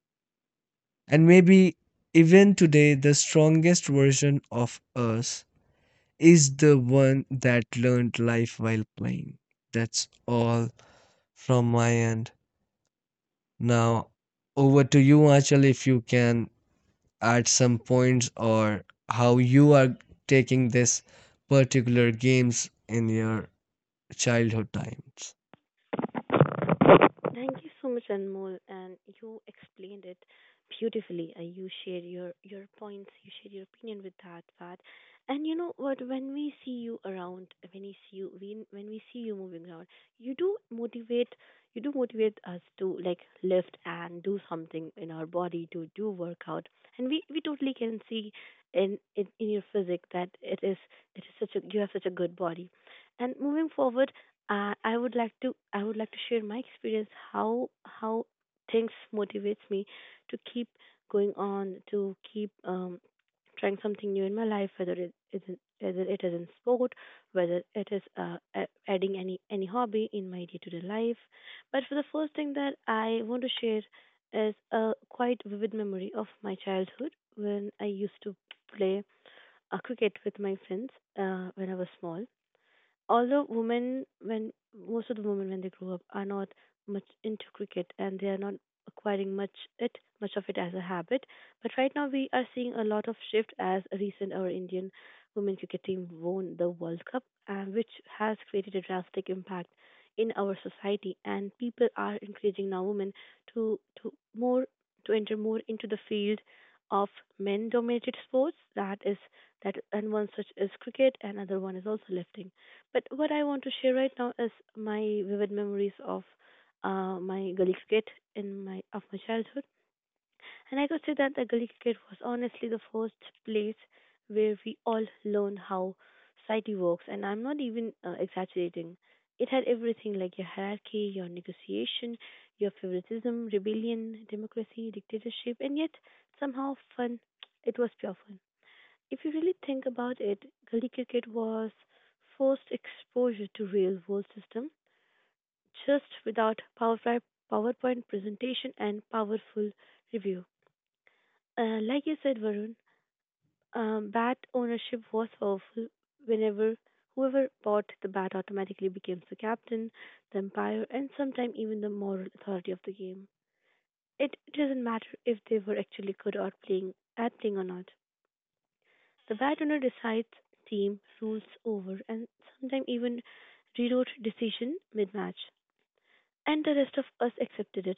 And maybe even today, the strongest version of us is the one that learned life while playing. That's all from my end. Now, over to you, Achal, if you can add some points or how you are taking this particular games in your childhood times.
Thank you so much, Anmol, and you explained it beautifully. Uh, you share your your points, you share your opinion with that part, and you know what? When we see you around, when we see you, when when we see you moving around, you do motivate, you do motivate us to like lift and do something in our body to do workout, and we we totally can see in in, in your physique that it is it is such a you have such a good body. And moving forward, uh, i would like to i would like to share my experience how how things motivates me to keep going on to keep um, trying something new in my life, whether it is in- whether it is in sport, whether it is uh, a- adding any any hobby in my day to day life. But for the first thing that I want to share is a quite vivid memory of my childhood when I used to play uh, cricket with my friends uh, when I was small. Although women when most of the women, when they grow up, are not much into cricket, and they are not acquiring much it much of it as a habit, but right now we are seeing a lot of shift. As a recent, our Indian women cricket team won the world cup, uh, which has created a drastic impact in our society, and people are encouraging now women to to more, to enter more into the field of men dominated sports. That is that, and one such is cricket, and other one is also lifting. But what I want to share right now is my vivid memories of uh, my gully cricket in my of my childhood, and I could say that the gully cricket was honestly the first place where we all learn how society works, and I'm not even uh, exaggerating. It had everything like your hierarchy, your negotiation, your favoritism, rebellion, democracy, dictatorship, and yet somehow fun. It was pure fun. If you really think about it, gully cricket was first exposure to real world system, just without PowerPoint PowerPoint presentation and powerful review. Uh, like you said, Varun, um, bat ownership was powerful. Whenever whoever bought the bat automatically became the captain, the umpire, and sometimes even the moral authority of the game. It doesn't matter if they were actually good at playing at playing or not. The bad owner decides team rules over and sometimes even rewrote decision mid-match. And the rest of us accepted it,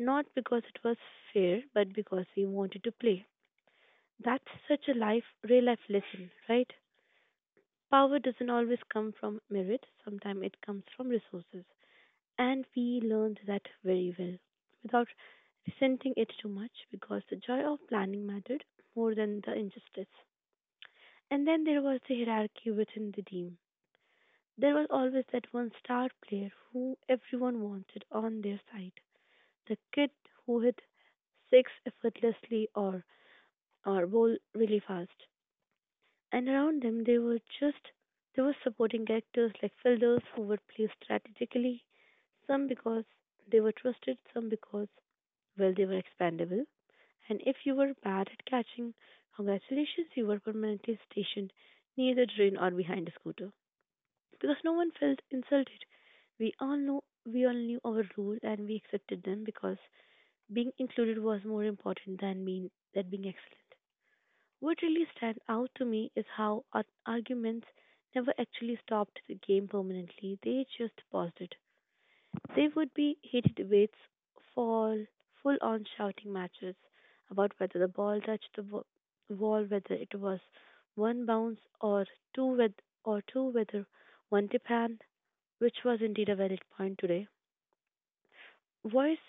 not because it was fair, but because we wanted to play. That's such a life, real life lesson, right? Power doesn't always come from merit, sometimes it comes from resources. And we learned that very well, without resenting it too much, because the joy of planning mattered more than the injustice. And then there was the hierarchy within the team. There was always that one star player who everyone wanted on their side, the kid who hit six effortlessly or or bowl really fast. And around them they were just there were supporting characters like fielders who would play strategically, some because they were trusted, some because well they were expendable. And if you were bad at catching, congratulations, you were permanently stationed near the drain or behind a scooter because no one felt insulted. We all know we all knew our role and we accepted them because being included was more important than being than being excellent. What really stands out to me is how ar- arguments never actually stopped the game permanently. They just paused it. There would be heated debates, fall full on shouting matches about whether the ball touched the wa- wall, whether it was one bounce or two, with or two, whether one tip hand, which was indeed a valid point today. Voice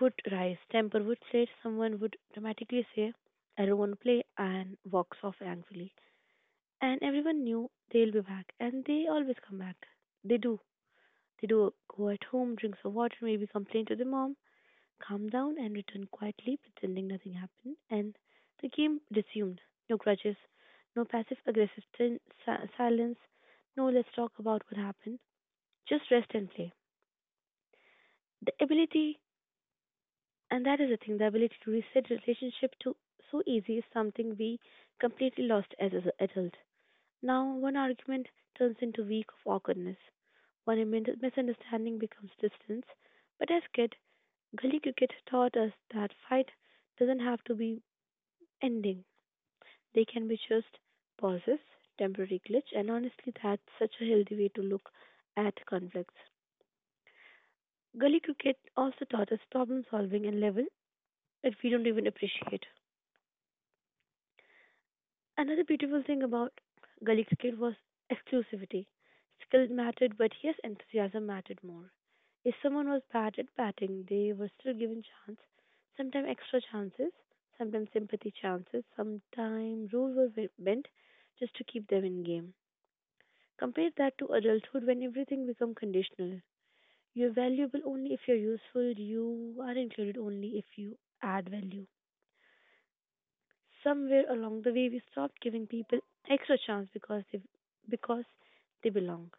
would rise, temper would slate, someone would dramatically say, I don't want to play, and walks off angrily. And everyone knew they'll be back, and they always come back. They do. They do go at home, drink some water, maybe complain to their mom, calm down, and return quietly, pretending nothing happened. And the game resumed. No grudges, no passive aggressive si- silence, no let's talk about what happened. Just rest and play. The ability And that is the thing, the ability to reset relationship to so easy is something we completely lost as an adult. Now one argument turns into week of awkwardness. One min- misunderstanding becomes distance. But as kid, gully cricket taught us that fight doesn't have to be ending. They can be just pauses, temporary glitch, and honestly, that's such a healthy way to look at conflicts. Gully cricket also taught us problem solving and level that we don't even appreciate. Another beautiful thing about Gully cricket was exclusivity. Skill mattered, but yes, enthusiasm mattered more. If someone was bad at batting, they were still given chance, sometimes extra chances, sometimes sympathy chances, sometimes rules were ve- bent just to keep them in game. Compare that to adulthood when everything becomes conditional. You're valuable only if you're useful, you are included only if you add value. Somewhere along the way we stopped giving people extra chance because they because they belong.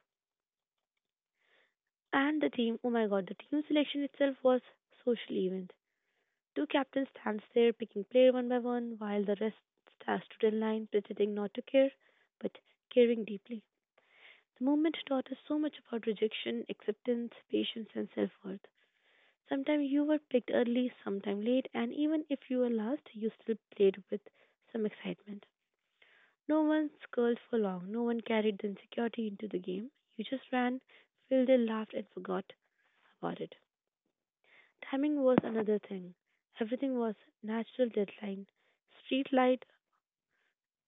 And the team, oh my god, the team selection itself was social event. Two captains stands there picking player one by one, while the rest sta- stood in line, pretending not to care, but caring deeply. The movement taught us so much about rejection, acceptance, patience, and self-worth. Sometimes you were picked early, sometimes late, and even if you were last, you still played with some excitement. No one sculled for long, no one carried the insecurity into the game. You just ran, filled in, laughed, and forgot about it. Timing was another thing. Everything was natural deadline. Street light,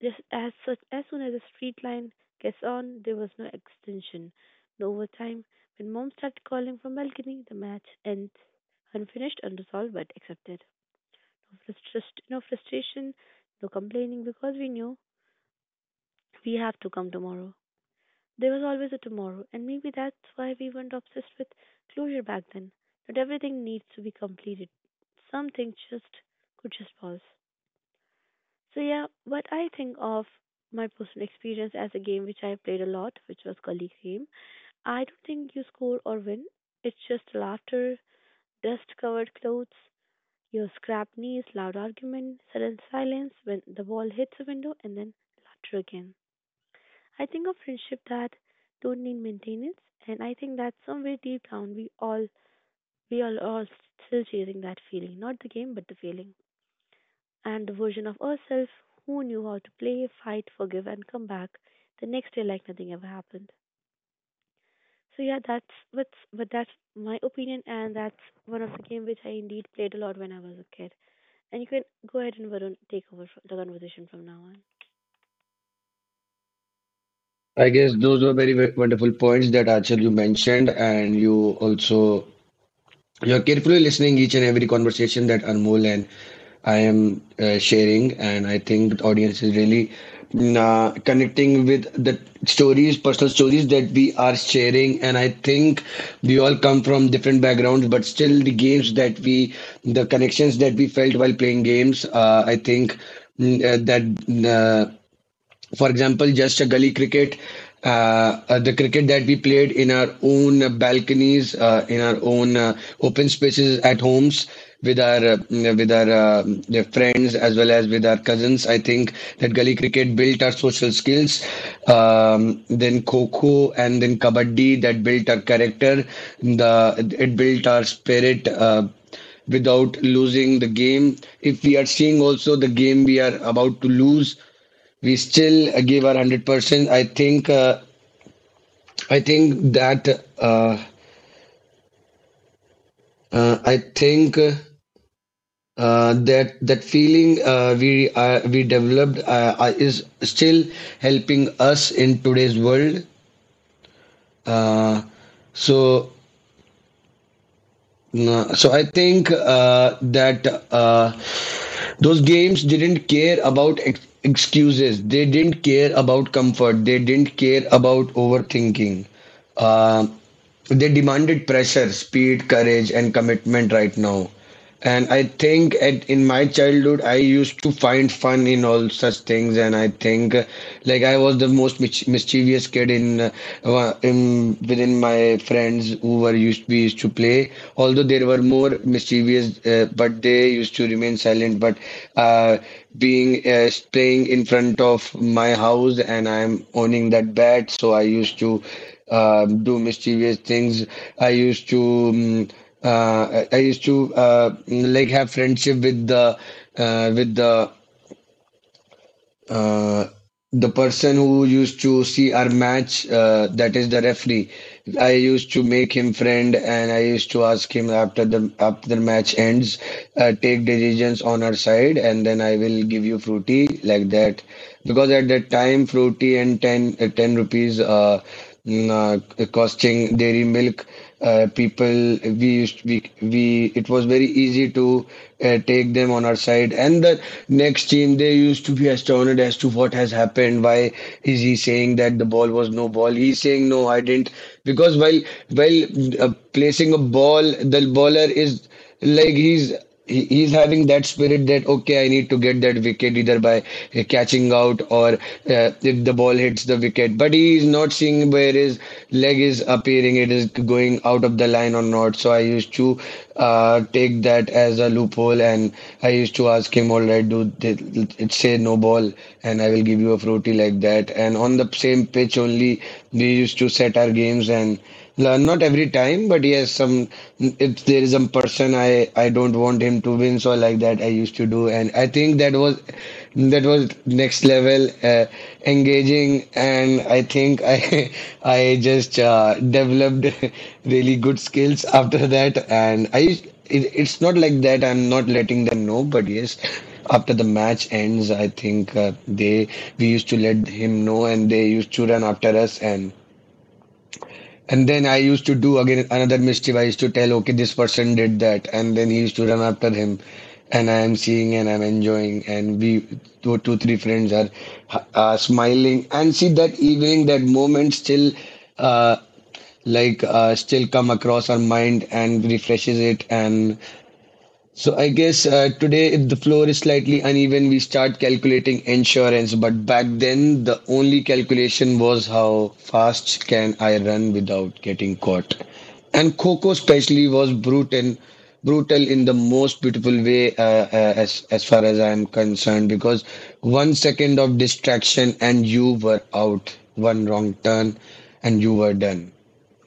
just as, such, as soon as the street line gets on, there was no extension, no overtime. When mom started calling from balcony, the match ends. Unfinished, unresolved, but accepted. No, frustration, no frustration, no complaining, because we knew we have to come tomorrow. There was always a tomorrow, and maybe that's why we weren't obsessed with closure back then. Not everything needs to be completed. Something just could just pause. So yeah, what I think of my personal experience as a game which I played a lot, which was Gully Game. I don't think you score or win. It's just laughter, dust covered clothes, your scrap knees, loud argument, sudden silence when the ball hits a window, and then laughter again. I think of friendship that don't need maintenance, and I think that somewhere deep down we all we all are still chasing that feeling, not the game but the feeling, and the version of ourselves who knew how to play, fight, forgive, and come back the next day like nothing ever happened. So yeah, that's what's but that's my opinion, and that's one of the game which I indeed played a lot when I was a kid. And you can go ahead, and Varun take over fro- the conversation from now on.
I guess those were very, very wonderful points that Achal you mentioned, and you also you're carefully listening each and every conversation that Anmol and I am uh, sharing, and I think the audience is really uh, connecting with the stories, personal stories that we are sharing. And I think we all come from different backgrounds, but still the games that we, the connections that we felt while playing games, uh, I think mm, uh, that uh, for example, just a gully cricket, uh, uh, the cricket that we played in our own uh, balconies, uh, in our own uh, open spaces at homes with our uh, with our uh, their friends as well as with our cousins. I think that gully cricket built our social skills. Um, then kho and then kabaddi that built our character. The it built our spirit. Uh, without losing the game, if we are seeing also the game we are about to lose, we still uh, give our one hundred percent. I think uh, I think that uh, uh, I think uh, that that feeling uh, we uh, we developed uh, uh, is still helping us in today's world. Uh, so No, so I think uh, that uh, those games didn't care about ex- excuses. They didn't care about comfort. They didn't care about overthinking. Uh, they demanded pressure, speed, courage, and commitment right now. And I think at, in my childhood, I used to find fun in all such things, and I think uh, like I was the most mich mischievous kid in, uh, wa- in within my friends who were used we used to play. Although there were more mischievous, uh, but they used to remain silent. But uh, being uh, playing in front of my house, and I'm owning that bat, so I used to um, do mischievous things. I used to um, uh, I I used to uh, like have friendship with the uh, with the uh, the person who used to see our match. Uh, that is the referee. I used to make him friend, and I used to ask him after the after the match ends, uh, take decisions on our side, and then I will give you fruity like that. Because at that time, fruity and ten, uh, ten rupees. Uh, mm, uh, costing dairy milk, uh, people we used we we it was very easy to uh, take them on our side, and the next team they used to be astounded as to what has happened, why is he saying that the ball was no ball, he's saying no I didn't, because while while uh, placing a ball the baller is like, he's he- he's having that spirit that okay, I need to get that wicket either by uh, catching out or uh, if the ball hits the wicket, but he is not seeing where his leg is appearing, it is going out of the line or not. So I used to uh, take that as a loophole, and I used to ask him, all right, do th- it say no ball and I will give you a fruity like that. And on the same pitch only we used to set our games. And La- not every time, but yes, some, if there is some person I I don't want him to win, so like that I used to do, and I think that was that was next level uh, engaging, and I think I *laughs* I just uh, developed *laughs* really good skills after that. And I used, it, it's not like that I'm not letting them know, but yes, after the match ends, I think uh, they we used to let him know, and they used to run after us. and. And then I used to do again another mischief. I used to tell, okay, this person did that, and then he used to run after him, and I am seeing and I'm enjoying, and we two, two, three friends are uh, smiling, and see that evening, that moment still, uh, like uh, still come across our mind and refreshes it. And so I guess uh, today, if the floor is slightly uneven, we start calculating insurance. But back then, the only calculation was how fast can I run without getting caught. And Coco especially was brutal, brutal in the most beautiful way, uh, uh, as as far as I am concerned, because one second of distraction and you were out. One wrong turn, and you were done.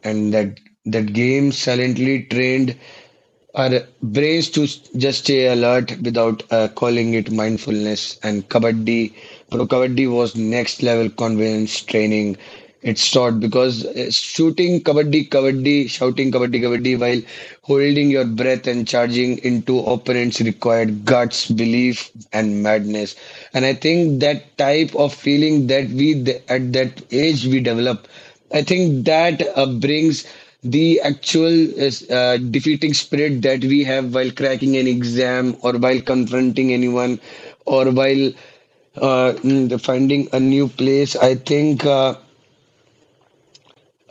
And that that game silently trained our brains to s- just stay alert without uh, calling it mindfulness. And kabaddi, pro kabaddi was next level conveyance training. It's taught because uh, shooting kabaddi, kabaddi, shouting kabaddi, kabaddi while holding your breath and charging into opponents required guts, belief, and madness. And I think that type of feeling that we th- at that age we develop, I think that uh, brings the actual is, uh, defeating spirit that we have while cracking an exam or while confronting anyone or while uh, mm, finding a new place. i think uh,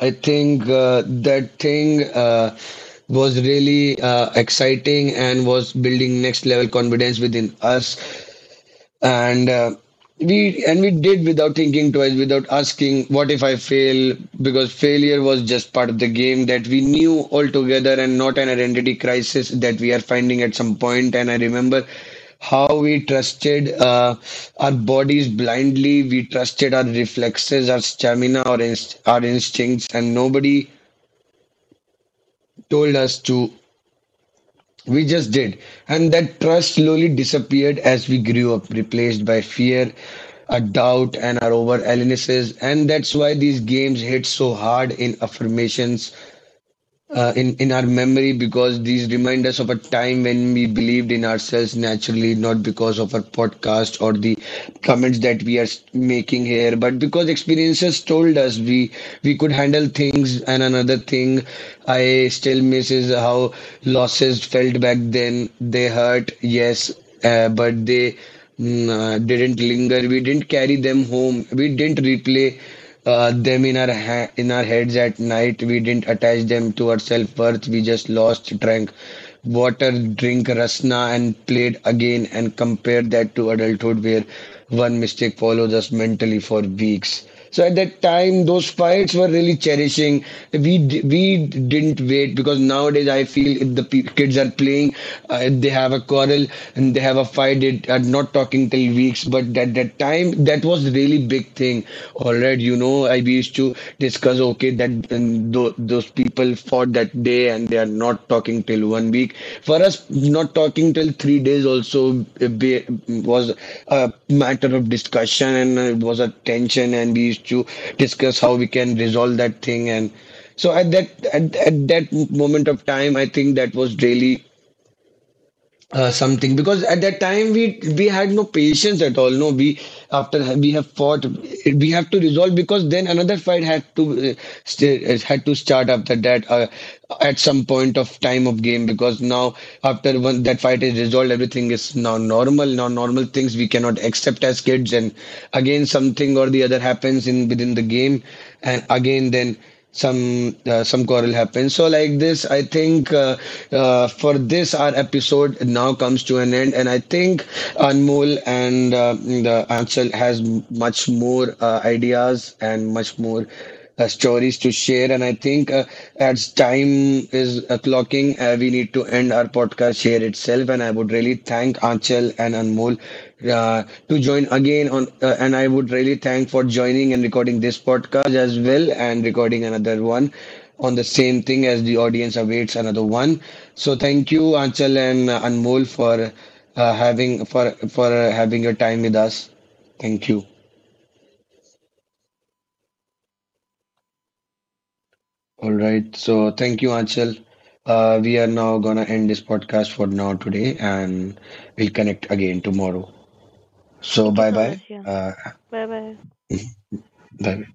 i think uh, that thing uh, was really uh, exciting and was building next level confidence within us. And uh, we, and we did without thinking twice, without asking what if I fail, because failure was just part of the game that we knew altogether, and not an identity crisis that we are finding at some point point. And I remember how we trusted uh, our bodies blindly. We trusted our reflexes, our stamina, our inst- our instincts, and nobody told us to. We just did. And that trust slowly disappeared as we grew up, replaced by fear, a doubt, and our over analysis. And that's why these games hit so hard in affirmations, uh, in, in our memory, because these remind us of a time when we believed in ourselves naturally, not because of our podcast or the comments that we are making here, but because experiences told us we we could handle things. And another thing, I still misses how losses felt back then. They hurt, yes, uh, but they mm, uh, didn't linger. We didn't carry them home. We didn't replay uh, them in our ha- in our heads at night. We didn't attach them to our self worth. We just lost track, water, drink rasna, and played again. And compare that to adulthood where one mistake follows us mentally for weeks. So at that time, those fights were really cherishing. We we didn't wait, because nowadays I feel if the pe- kids are playing, uh, if they have a quarrel and they have a fight, they are not talking till weeks. But at that time, that was really big thing thing already. You know i we used to discuss, okay, that, and tho- those people fought that day, and they are not talking till one week. For us, not talking till three days also uh, be- was a matter of discussion, and it was a tension, and we used to discuss how we can resolve that thing. And so at that, at, at that moment of time, I think that was really uh, something, because at that time we we had no patience at all. No, we after ha- we have fought, we have to resolve, because then another fight had to uh, st- uh, had to start after that, uh, at some point of time of game, because now after one, that fight is resolved, everything is now normal. Now normal things we cannot accept as kids, and again something or the other happens in within the game, and again then some uh, some quarrel happens. So like this, I think uh, uh, for this our episode now comes to an end. And I think Anmol and uh, the ansel has m- much more uh, ideas and much more uh, stories to share, and I think uh, as time is uh, clocking, uh, we need to end our podcast podcast here itself. And I would really thank Anchal and Anmol uh, to join again on. Uh, and I would really thank for joining and recording this podcast as well, and recording another one on the same thing as the audience awaits another one. So thank you, Anchal and uh, Anmol, for uh, having for for uh, having your time with us. Thank you. All right. So thank you, Anchal. Uh, we are now gonna end this podcast for now today, and we'll connect again tomorrow. So
Thank you
bye
so much.
bye.
Yeah.
Uh,
Bye bye.
bye.